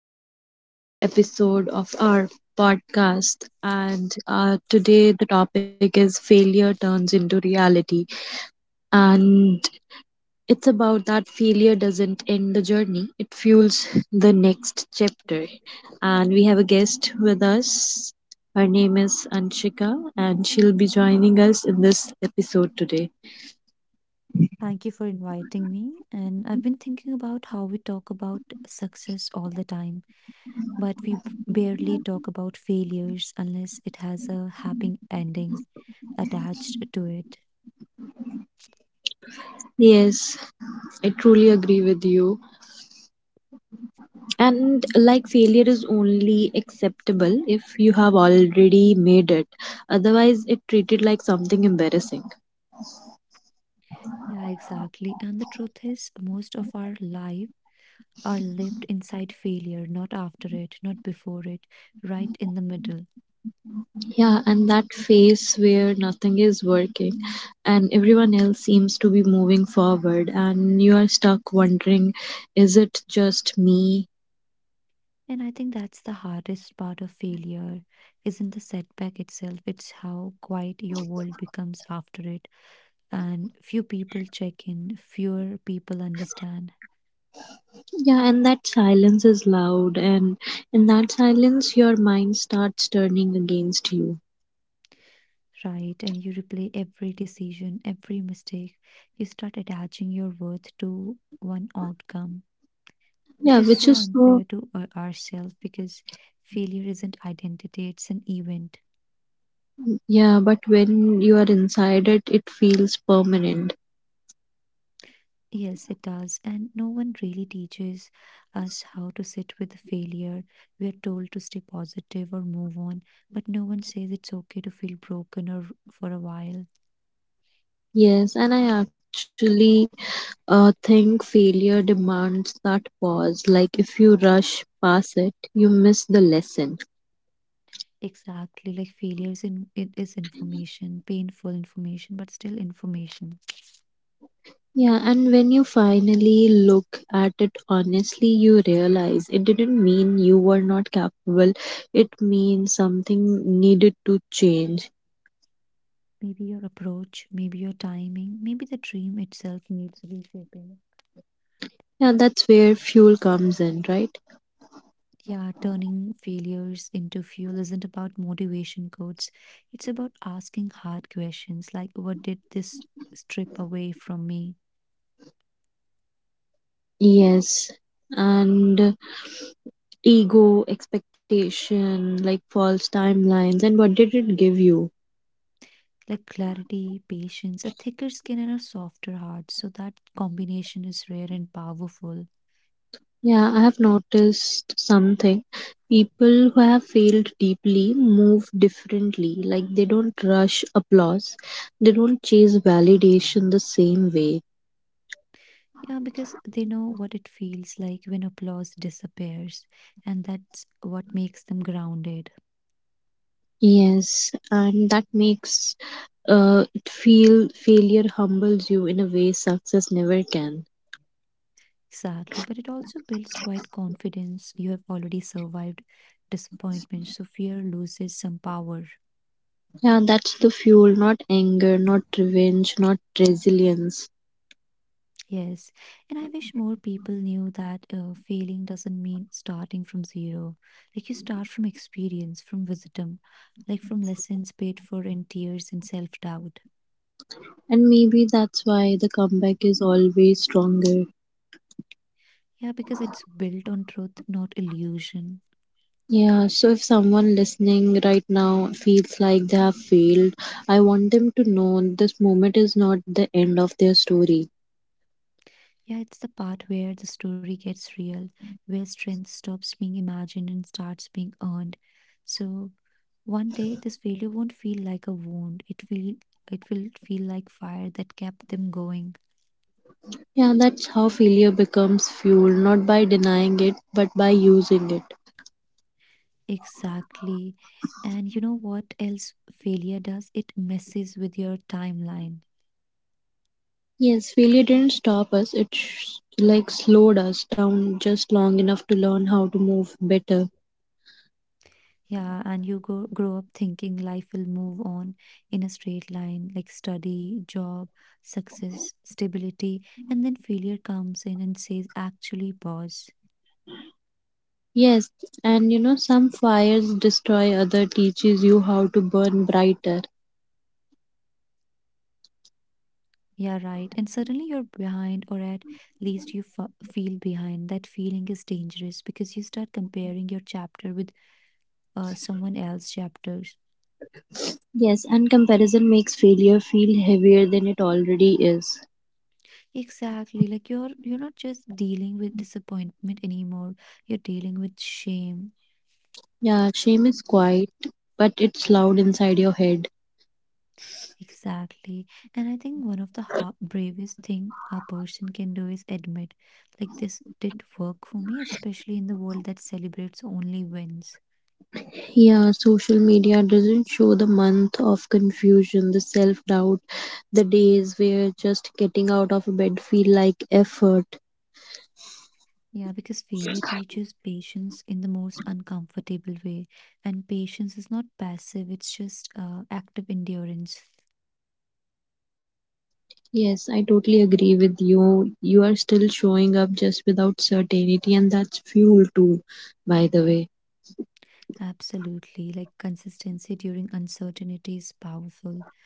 back to the another episode of our podcast. And today the topic is failure turns into reality, and it's about that failure doesn't end the journey; it fuels the next chapter. And we have a guest with us. Her name is Anshika, and she'll be joining us in this episode today. Thank you for inviting me. And I've been thinking about how we talk about success all the time, but barely talk about failures unless it has a happy ending attached to it. Yes, I truly agree with you, and like failure is only acceptable if you have already made it, otherwise it treated like something embarrassing. Yeah, exactly. And the truth is, most of our life are lived inside failure, not after it, not before it, right in the middle. Yeah, and that phase where nothing is working and everyone else seems to be moving forward and you are stuck wondering, is it just me? And I think that's the hardest part of failure, isn't the setback itself, it's how quiet your world becomes after it and few people check in, fewer people understand, Yeah, and that silence is loud, and in that silence your mind starts turning against you. right? And you replay every decision, every mistake. You start attaching your worth to one outcome, Yeah, which which is is so so. unfair to ourselves because failure isn't identity, it's an event. Yeah, but when you are inside it, it feels permanent. Yes, it does. And no one really teaches us how to sit with failure. We are told to stay positive or move on, but no one says it's okay to feel broken or for a while. Yes, and I actually think failure demands that pause. Like, if you rush past it, you miss the lesson. Exactly, like failures in it is information, painful information, but still information. Yeah, and when you finally look at it honestly, you realize it didn't mean you were not capable, it means something needed to change. Maybe your approach, maybe your timing, maybe the dream itself needs reshaping. Yeah, that's where fuel comes in, right? Yeah, turning failures into fuel isn't about motivation quotes. It's about asking hard questions like what did this strip away from me? Yes. And ego, expectation, like false timelines, and what did it give you? Like clarity, patience, a thicker skin and a softer heart. So that combination is rare and powerful. Yeah, I have noticed something. People who have failed deeply move differently. Like they don't rush applause, they don't chase validation the same way. Yeah, because they know what it feels like when applause disappears, and that's what makes them grounded. Yes, and that makes it feel failure humbles you in a way success never can. Exactly, but it also builds quite confidence. You have already survived disappointment, so fear loses some power. Yeah, that's the fuel, not anger, not revenge, not resilience. Yes, and I wish more people knew that failing doesn't mean starting from zero. Like you start from experience, from wisdom, like from lessons paid for in tears and self doubt. And maybe that's why the comeback is always stronger. Yeah, because it's built on truth, not illusion. Yeah, so if someone listening right now feels like they have failed, I want them to know this moment is not the end of their story. Yeah, it's the part where the story gets real, where strength stops being imagined and starts being earned. So one day this failure won't feel like a wound. It will feel like fire that kept them going. Yeah, that's how failure becomes fuel, not by denying it, but by using it. Exactly. And you know what else failure does? It messes with your timeline. Yes, failure didn't stop us, like slowed us down just long enough to learn how to move better. Yeah, and grow up thinking life will move on in a straight line, like study, job, success, stability, and then failure comes in and says, actually, pause. Yes, and you know, some fires destroy, other teaches you how to burn brighter. Yeah, right. And suddenly you're behind, or at least feel behind. That feeling is dangerous because you start comparing your chapter with someone else's chapters. Yes, and comparison makes failure feel heavier than it already is. Exactly. Like you're not just dealing with disappointment anymore. You're dealing with shame. Yeah, shame is quiet, but it's loud inside your head. Exactly. And I think one of the bravest thing a person can do is admit, like this didn't work for me, especially in the world that celebrates only wins. Yeah, social media doesn't show the month of confusion, the self doubt, the days where just getting out of bed feel like effort. Yeah, because failure teaches patience in the most uncomfortable way. And patience is not passive, it's just active endurance. Yes, I totally agree with you. You are still showing up just without certainty, and that's fuel too, by the way. Absolutely. Like consistency during uncertainty is powerful.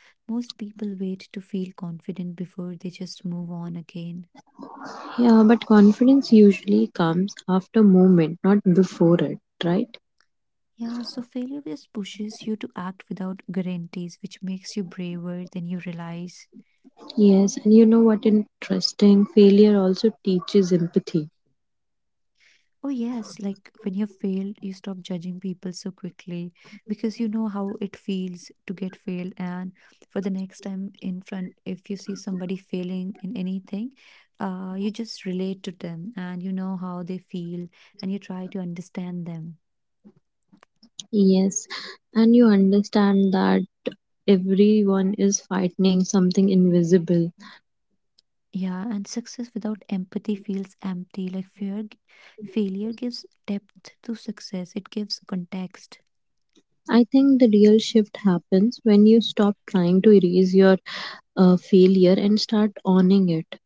Most people wait to feel confident before they just move on again. Yeah, but confidence usually comes after moment, not before it, right? Yeah, so failure just pushes you to act without guarantees, which makes you braver than you realize. Yes, and you know what interesting? Failure also teaches empathy. Oh, yes, like when you failed, you stop judging people so quickly because you know how it feels to get failed. And for the next time in front, if you see somebody failing in anything, you just relate to them and you know how they feel and you try to understand them. Yes, and you understand that everyone is fighting something invisible. Yeah, and success without empathy feels empty. Like fear, failure gives depth to success, it gives context. I think the real shift happens when you stop trying to erase your failure and start owning it.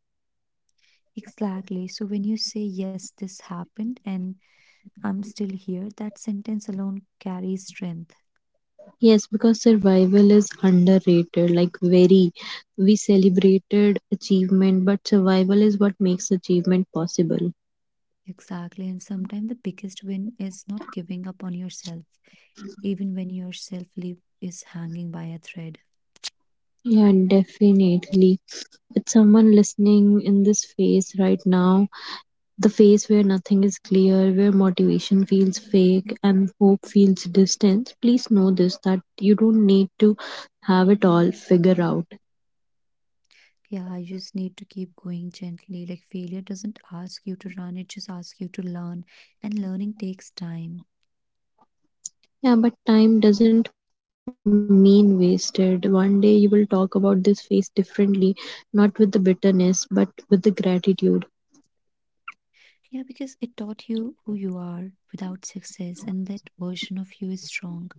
Exactly. So when you say, yes, this happened and I'm still here, that sentence alone carries strength. Yes, because survival is underrated, like very. We celebrated achievement, but survival is what makes achievement possible. Exactly. And sometimes the biggest win is not giving up on yourself, even when your self leap is hanging by a thread. Yeah, definitely. It's someone listening in this phase right now, the phase where nothing is clear, where motivation feels fake and hope feels distant. Please know this that you don't need to have it all figured out. Yeah, you just need to keep going gently. Like failure doesn't ask you to run, it just asks you to learn. And learning takes time. Yeah, but time doesn't mean wasted. One day you will talk about this phase differently, not with the bitterness, but with the gratitude. Yeah, because it taught you who you are without success, and that version of you is strong.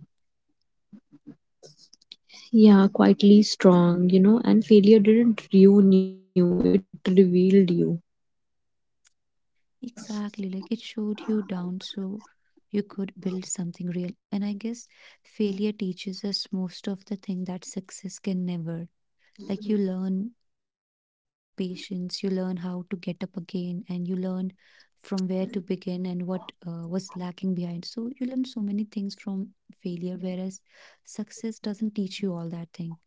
Yeah, quietly strong, you know, and failure didn't ruin you, it revealed you. Exactly. Like it showed you down so you could build something real. And I guess failure teaches us most of the thing that success can never. Like you learn patience, you learn how to get up again, and you learn from where to begin and what was lacking behind. So you learn so many things from failure, whereas success doesn't teach you all that thing.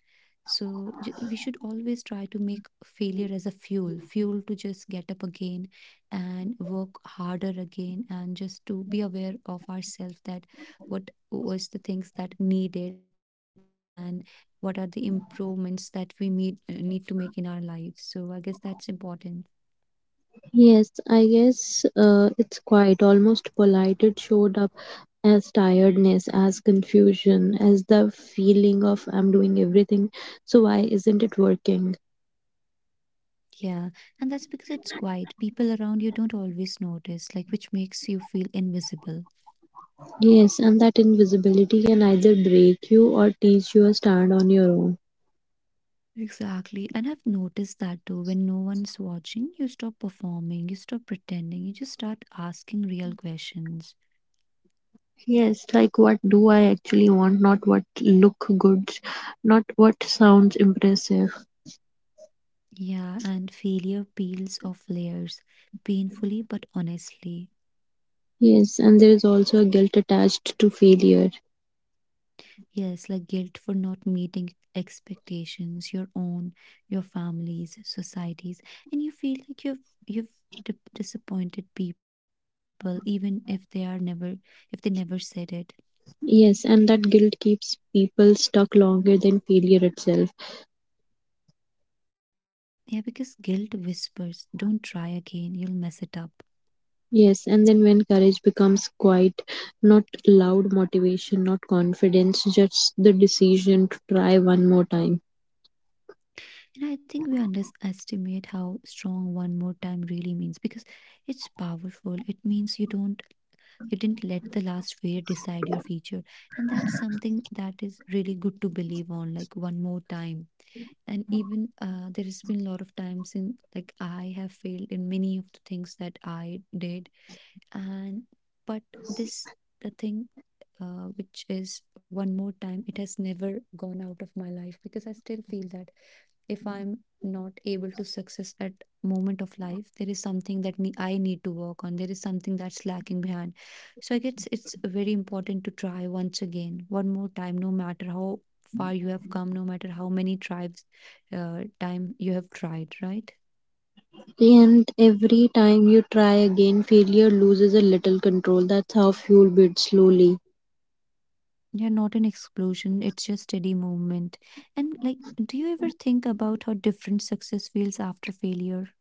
So we should always try to make failure as a fuel, fuel to just get up again and work harder again, and just to be aware of ourselves that what was the things that needed and what are the improvements that we need to make in our lives. So I guess that's important. Yes, I guess it's quite almost polite. It showed up as tiredness, as confusion, as the feeling of I'm doing everything, so why isn't it working? Yeah, and that's because it's quiet. People around you don't always notice, like which makes you feel invisible. Yes, and that invisibility can either break you or teach you a stand on your own. Exactly. And I've noticed that too. When no one's watching, you stop performing, you stop pretending, you just start asking real questions. Yes, like what do I actually want, not what look good, not what sounds impressive. Yeah, and failure peels off layers, painfully but honestly. Yes, and there is also a guilt attached to failure. Yes, like guilt for not meeting expectations, your own, your family's, society's, and you feel like you've disappointed people, even if they are never if they never said it. Yes, and that guilt keeps people stuck longer than failure itself. Yeah, because guilt whispers, don't try again, you'll mess it up. Yes, and then when courage becomes quiet, not loud motivation, not confidence, just the decision to try one more time. And I think we underestimate how strong one more time really means because it's powerful. It means you didn't let the last fear decide your future. And that's something that is really good to believe on, like one more time. And even there has been a lot of times in like I have failed in many of the things that I did. And but this the thing which is one more time, it has never gone out of my life because I still feel that if I'm not able to success at moment of life, there is something that I need to work on. There is something that's lacking behind, so I guess it's very important to try once again, one more time, no matter how far you have come, no matter how many tribes time you have tried, right? And every time you try again, failure loses a little control. That's how fuel builds slowly. Yeah, not an explosion, it's just steady movement. And like, do you ever think about how different success feels after failure?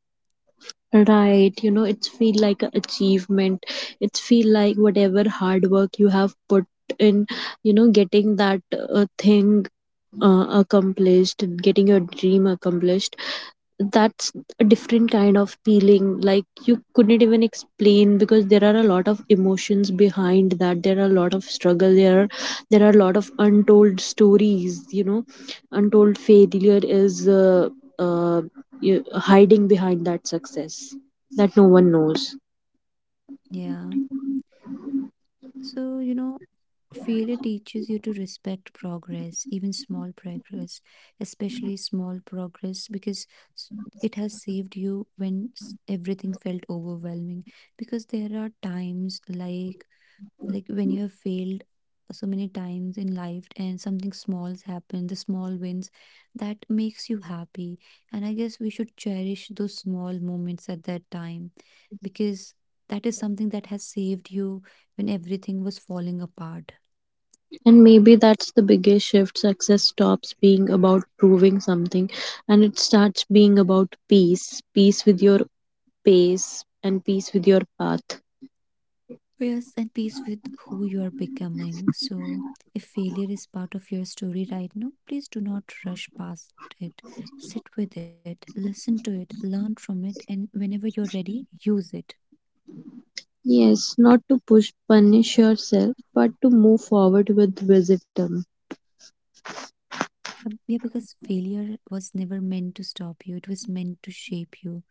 Right, you know, it's feel like a achievement. It's feel like whatever hard work you have put in, you know, getting that thing accomplished, getting your dream accomplished, that's a different kind of feeling like you couldn't even explain, because there are a lot of emotions behind that, there are a lot of struggle, there are a lot of untold stories, you know, untold failure is uh, hiding behind that success that no one knows. Yeah, so you know, failure teaches you to respect progress, even small progress, especially small progress, because s- it has saved you when everything felt overwhelming. Because there are times like when you have failed so many times in life and something small's happened, the small wins that makes you happy. And I guess we should cherish those small moments at that time because that is something that has saved you when everything was falling apart. And maybe that's the biggest shift, success stops being about proving something and it starts being about peace, peace with your pace and peace with your path. Rest and peace with who you are becoming. So, if failure is part of your story right now, please do not rush past it. Sit with it, listen to it, learn from it, and whenever you're ready, use it. Yes, not to push punish yourself, but to move forward with wisdom. Yeah, yeah, because failure was never meant to stop you, it was meant to shape you.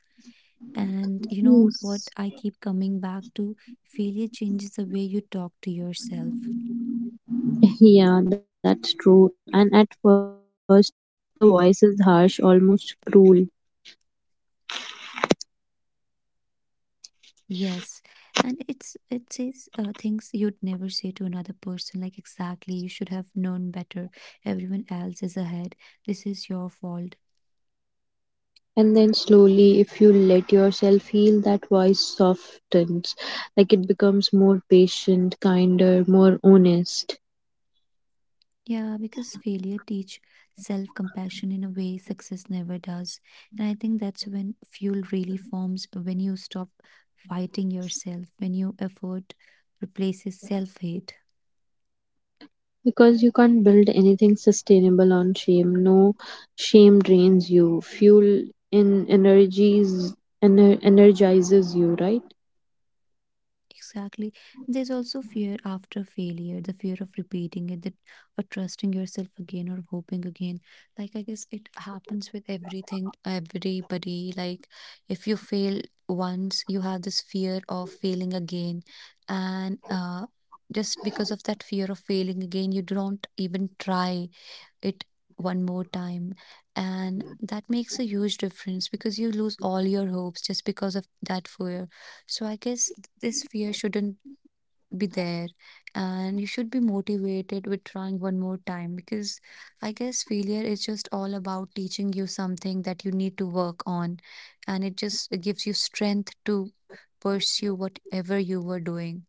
And you know what Yes. I keep coming back to? Failure changes the way you talk to yourself. Yeah, that's true. And at first the voice is harsh, almost cruel. Yes. And it says things you'd never say to another person, like exactly, you should have known better. Everyone else is ahead. This is your fault. And then slowly, if you let yourself heal, that voice softens. Like it becomes more patient, kinder, more honest. Yeah, because failure teach self-compassion in a way success never does. And I think that's when fuel really forms, when you stop fighting yourself, when your effort replaces self-hate. Because you can't build anything sustainable on shame. No, shame drains you. Fuel in energies energizes you, right? Exactly. There's also fear after failure, the fear of repeating it, that or trusting yourself again or hoping again. Like I guess it happens with everything, everybody. Like if you fail once, you have this fear of failing again, and just because of that fear of failing again, you don't even try it one more time, and that makes a huge difference because you lose all your hopes just because of that fear. So I guess this fear shouldn't be there, and you should be motivated with trying one more time, because I guess failure is just all about teaching you something that you need to work on, and it just gives you strength to pursue whatever you were doing.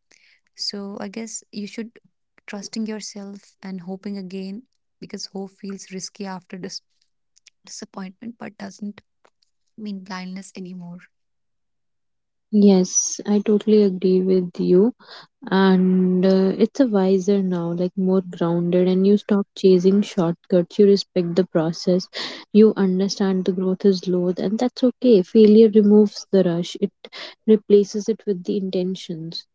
So I guess you should trusting yourself and hoping again, because hope feels risky after disappointment but doesn't mean blindness anymore. Yes, I totally agree with you. And it's a wiser now, like more grounded, and you stop chasing shortcuts. You respect the process. You understand the growth is low, and that's okay. Failure removes the rush, it replaces it with the intentions.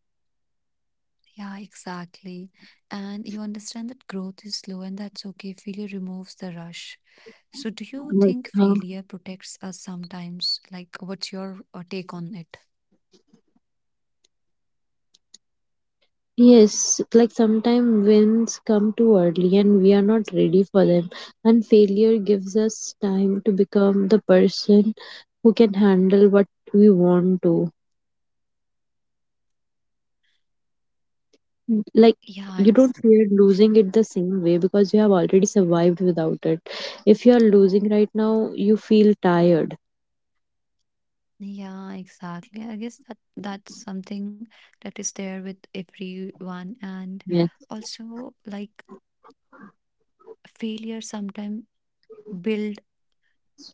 Yeah, exactly. And you understand that growth is slow and that's okay. Failure removes the rush. So do you think Like, uh, failure protects us sometimes? Like what's your take on it? Yes, like sometimes wins come too early and we are not ready for them. And failure gives us time to become the person who can handle what we want to. Like, you Yeah, don't ex- fear losing it the same way because you have already survived without it. If you are losing right now, you feel tired. yeah, exactly. I guess that's something that is there with everyone. And Yes, also like failure sometimes build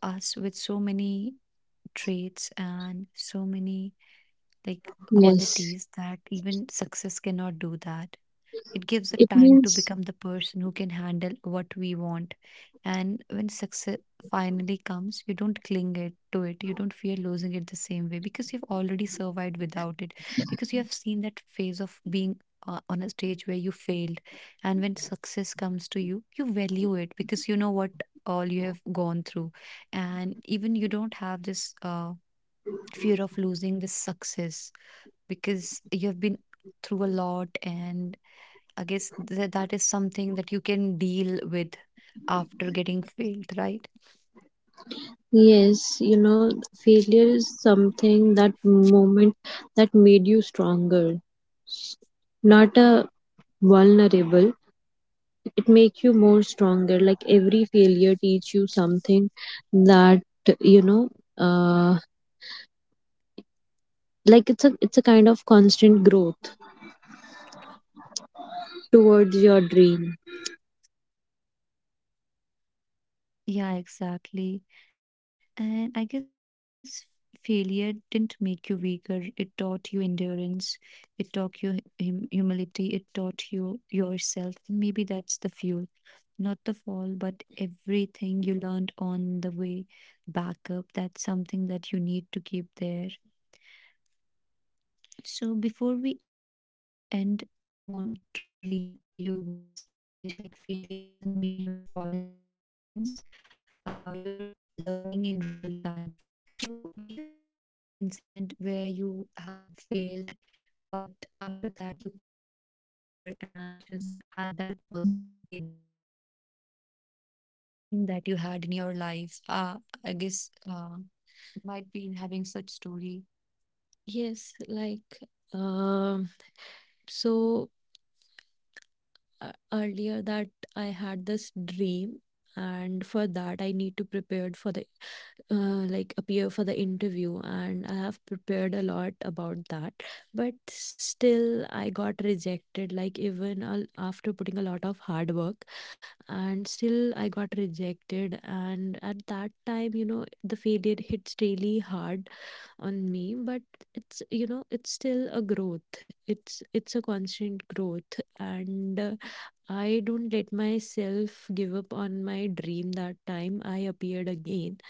us with so many traits and so many like yes. qualities that even success cannot do that. It gives the It time to means, become the person who can handle what we want. And when success finally comes, you don't cling it to it. You don't fear losing it the same way because you've already survived without it. Because you have seen that phase of being on a stage where you failed. And when success comes to you, you value it because you know what all you have gone through. And even you don't have this fear of losing this success because you have been through a lot, and I guess that is something that you can deal with after getting failed, right? yes, you know, failure is something that moment that made you stronger. s- Not a vulnerable, it make you more stronger, like every failure teach you something that, you know, uh, like it's a kind of constant growth towards your dream. Yeah, exactly. And I guess failure didn't make you weaker. It taught you endurance. It taught you humility. It taught you yourself. Maybe that's the fuel, not the fall, but everything you learned on the way back up. That's something that you need to keep there. So before we end, we want to leave you with this message like failure doesn't mean you're falling behind. It means you're learning in real time. So do you have such incident where you had failed, but after that you came up stronger and just had that positivity that you want to achieve that particular aim that you had in your life? I guess might be having such story. Yes, like um so earlier that I had this dream, and for that I need to prepare for the like appear for the interview, and I have prepared a lot about that, but still I got rejected, like even after putting a lot of hard work, and still I got rejected. And at that time, you know, the failure hits really hard on me. But it's, you know, it's still a growth. It's a constant growth, and I don't let myself give up on my dream. That time I appeared again,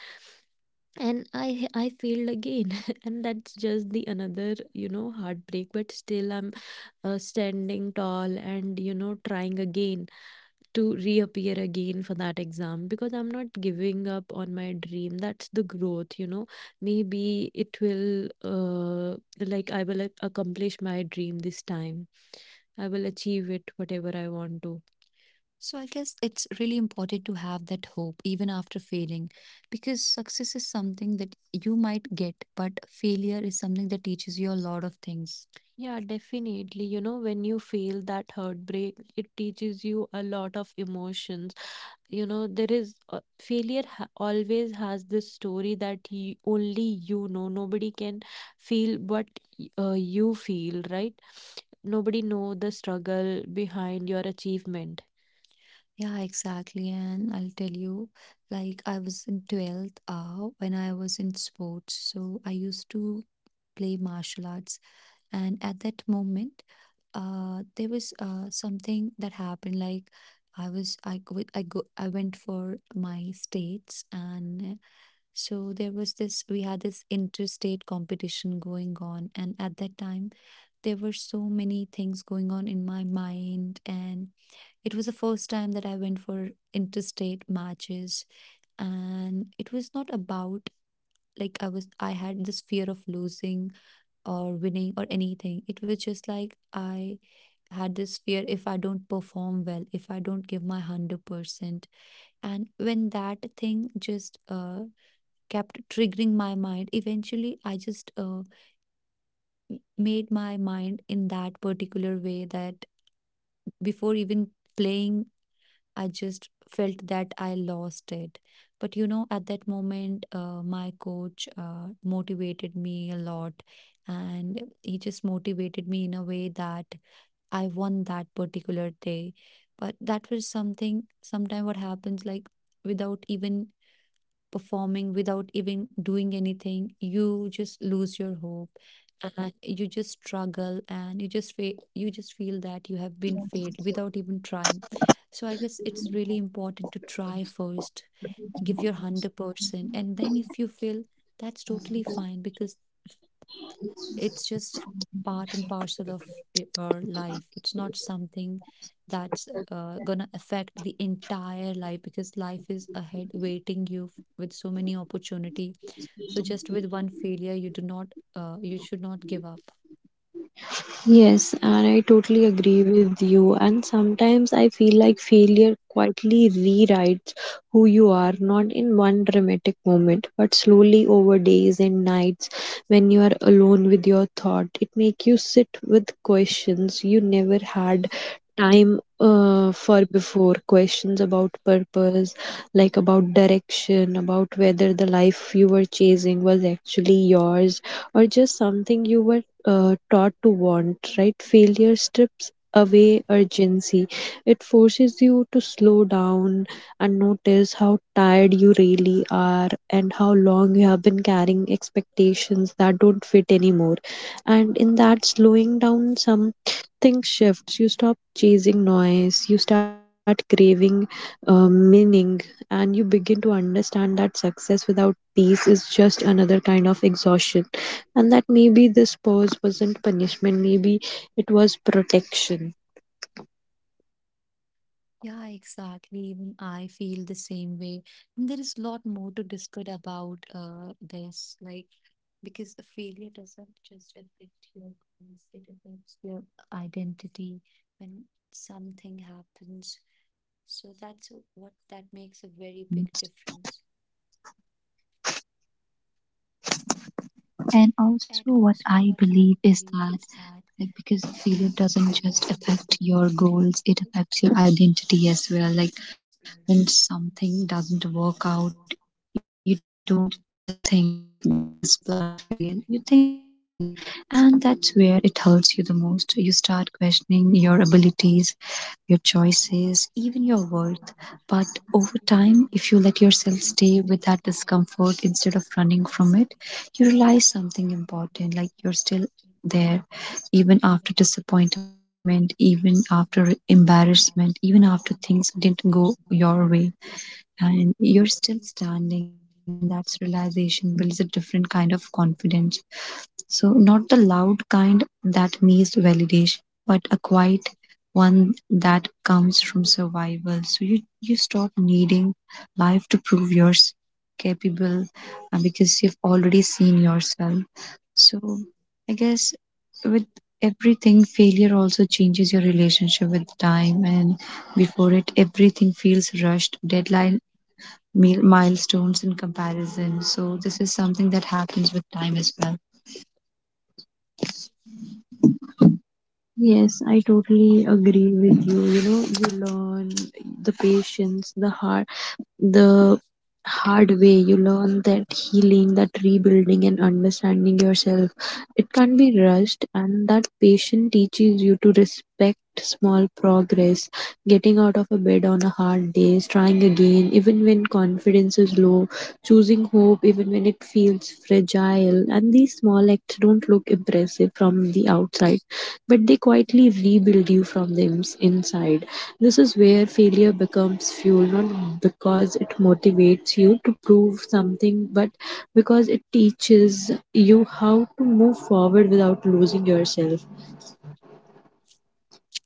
and I failed again and that's just the another, you know, heartbreak. But still I'm standing tall and, you know, trying again to reappear again for that exam, because I'm not giving up on my dream. That's the growth, you know. Maybe it will, like, I will accomplish my dream this time. I will achieve it, whatever I want to. So I guess it's really important to have that hope even after failing, because success is something that you might get, but failure is something that teaches you a lot of things. Yeah, definitely. You know, when you feel that heartbreak, it teaches you a lot of emotions. You know, there is failure always has this story that only you know. Nobody can feel what you feel, right? Nobody know the struggle behind your achievement. Yeah, exactly. And I'll tell you, like, I was in 12th when I was in sports. So I used to play martial arts. And at that moment, there was something that happened. Like, I was, I, go, I, go, I went for my states. And so there was this, we had this interstate competition going on. And at that time, there were so many things going on in my mind. And it was the first time that I went for interstate matches, and it was not about I had this fear of losing or winning or anything. It was just like I had this fear if I don't perform well, if I don't give my 100%. And when that thing just kept triggering my mind, eventually I just made my mind in that particular way that before even playing I just felt that I lost it. But you know, at that moment, my coach motivated me a lot, and he just motivated me in a way that I won that particular day. But that was something, sometimes what happens, like without even performing, without even doing anything, you just lose your hope and you just struggle and you just feel that you have been failed without even trying. So I guess it's really important to try first, give your 100%, and then if you fail, that's totally fine, because it's just part and parcel of our life. It's not something that's gonna affect the entire life, because life is ahead waiting you with so many opportunity. So just with one failure you do not you should not give up. Yes, and I totally agree with you. And sometimes I feel like failure quietly rewrites who you are, not in one dramatic moment, but slowly over days and nights when you are alone with your thought. It makes you sit with questions you never had time for, before questions about purpose, like about direction, about whether the life you were chasing was actually yours or just something you were taught to want, right? Failure strips away urgency. It forces you to slow down and notice how tired you really are and how long you have been carrying expectations that don't fit anymore. And in that slowing down, something shifts. You stop chasing noise, you start craving meaning, and you begin to understand that success without peace is just another kind of exhaustion and that maybe this pause wasn't punishment, maybe it was protection. Yeah, exactly. Even I feel the same way. And there is a lot more to discuss about this, like because a failure doesn't just affect your goals, it affects your identity when something happens. So that's what that makes a very big Difference. difference. And also, what Also, I what believe I is mean that, is that like, because like failure because doesn't failure just doesn't affect just your goals, it affects your identity as well, like feel like when something doesn't something work doesn't out, work, you don't it just won't think be this seen plan failed, bad. you I think I think I failed. And that's where it hurts you the most, you start questioning your abilities, your choices, even your worth. But over time, if you let yourself stay with that discomfort instead of running from it, you realize something important, like you're still there, even after disappointment, even after embarrassment, even after things didn't go your way, and you're still standing, and that's realization builds a different kind of confidence. So not the loud kind that needs validation, but a quiet one that comes from survival. So you stop needing life to prove you're capable, because you've already seen yourself. So I guess with everything, failure also changes your relationship with time, and before it everything feels rushed, deadline, milestones in comparison. So this is something that happens with time as well. Yes, I totally agree with you. You know, you learn the patience, the heart, the hard way. You learn that healing, that rebuilding and understanding yourself, it can't be rushed, and that patience teaches you to respect small progress, getting out of a bed on a hard day, trying again even when confidence is low, choosing hope even when it feels fragile. And these small acts don't look impressive from the outside, but they quietly rebuild you from the inside. This is where failure becomes fuel, not because it motivates you to prove something, but because it teaches you how to move forward without losing yourself.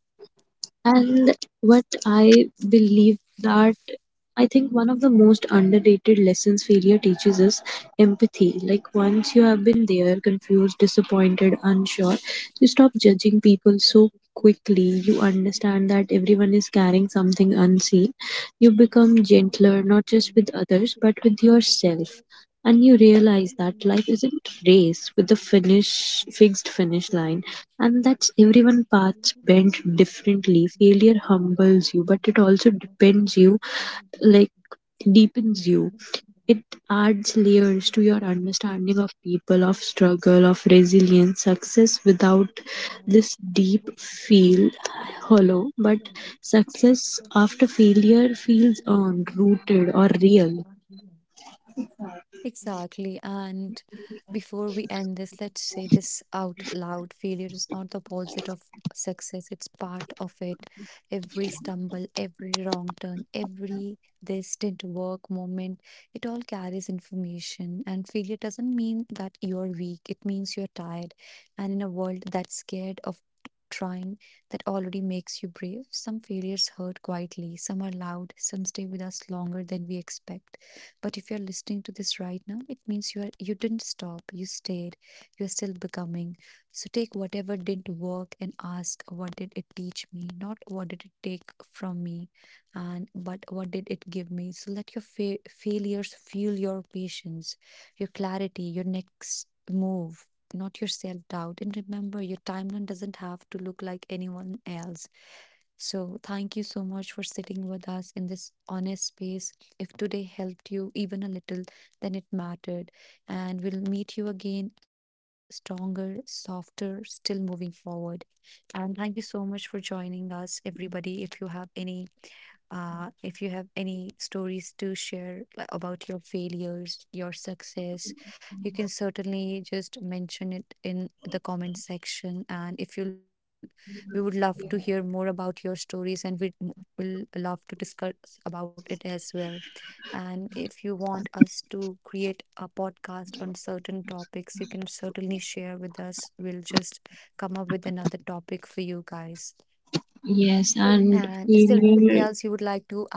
And what I believe that I think one of the most underrated lessons failure teaches is empathy. Like once you have been there, confused, disappointed, unsure, you stop judging people so quickly. You understand that everyone is carrying something unseen. You become gentler, not just with others, but with yourself. And you realize that life isn't race with the finish fixed finish line, and that's everyone paths bent differently. Failure humbles you, but it also depends you like deepens you. It adds layers to your understanding of people, of struggle, of resilience. Success without this deep feel hollow, but success after failure feels earned, rooted or real. exactly. And before we end this, let's say this out loud. Failure is not the opposite of success, it's part of it. Every stumble, every wrong turn, every this didn't work moment, it all carries information. And failure doesn't mean that you're weak, it means you're tired. And in a world that's scared of trying, that already makes you brave. Some failures hurt quietly, some are loud, some stay with us longer than we expect. But if you're listening to this right now, it means you didn't stop, you stayed, you're still becoming. So take whatever didn't work and ask what did it teach me, not what did it take from me, and but what did it give me. So let your failures fuel your patience, your clarity, your next move. Not your self doubt. And remember, your timeline doesn't have to look like anyone else. So, thank you so much for sitting with us in this honest space. If today helped you even a little, then it mattered. And we'll meet you again stronger, softer, still moving forward. And thank you so much for joining us, everybody. If you have any stories to share like, about your failures, your success, you can certainly just mention it in the comment section. And if you, we would love to hear more about your stories, and we will love to discuss about it as well. And if you want us to create a podcast on certain topics, you can certainly share with us. We'll just come up with another topic for you guys. Yes, And and is there anything else you failure. would like to add?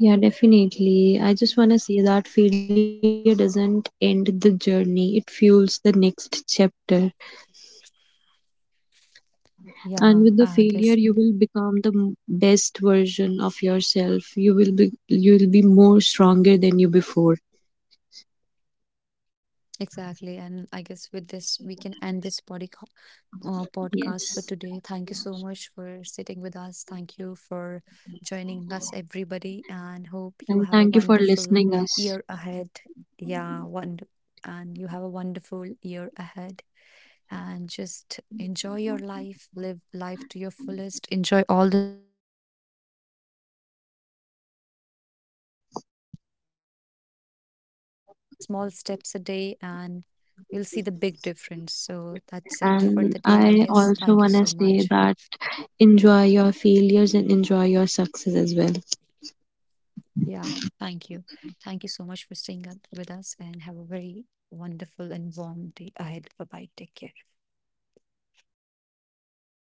Yeah, definitely. I just want to say that failure doesn't end the journey, it fuels the next chapter. And with Yeah, the I failure, guess you will become the best version of yourself. You will be more stronger than you before. exactly. And I guess with this, we can end this Yes. podcast for today. Thank you so much for sitting with us. Thank you for joining us, everybody. And hope you And have a thank you for wonderful listening us. year ahead. Yeah, one, and you have a wonderful year ahead. And just enjoy your life, live life to your fullest, enjoy all the small moments, and do not pressurize yourself for something Yes. big. Just take small steps a day and you'll see the big difference. So that's it for the And day, I I guess. also Thank you want so to say much. that enjoy your failures and enjoy your success as well. Yeah, thank you. Thank you so much for staying up with us and have a very wonderful and warm day ahead. Bye bye. Take care.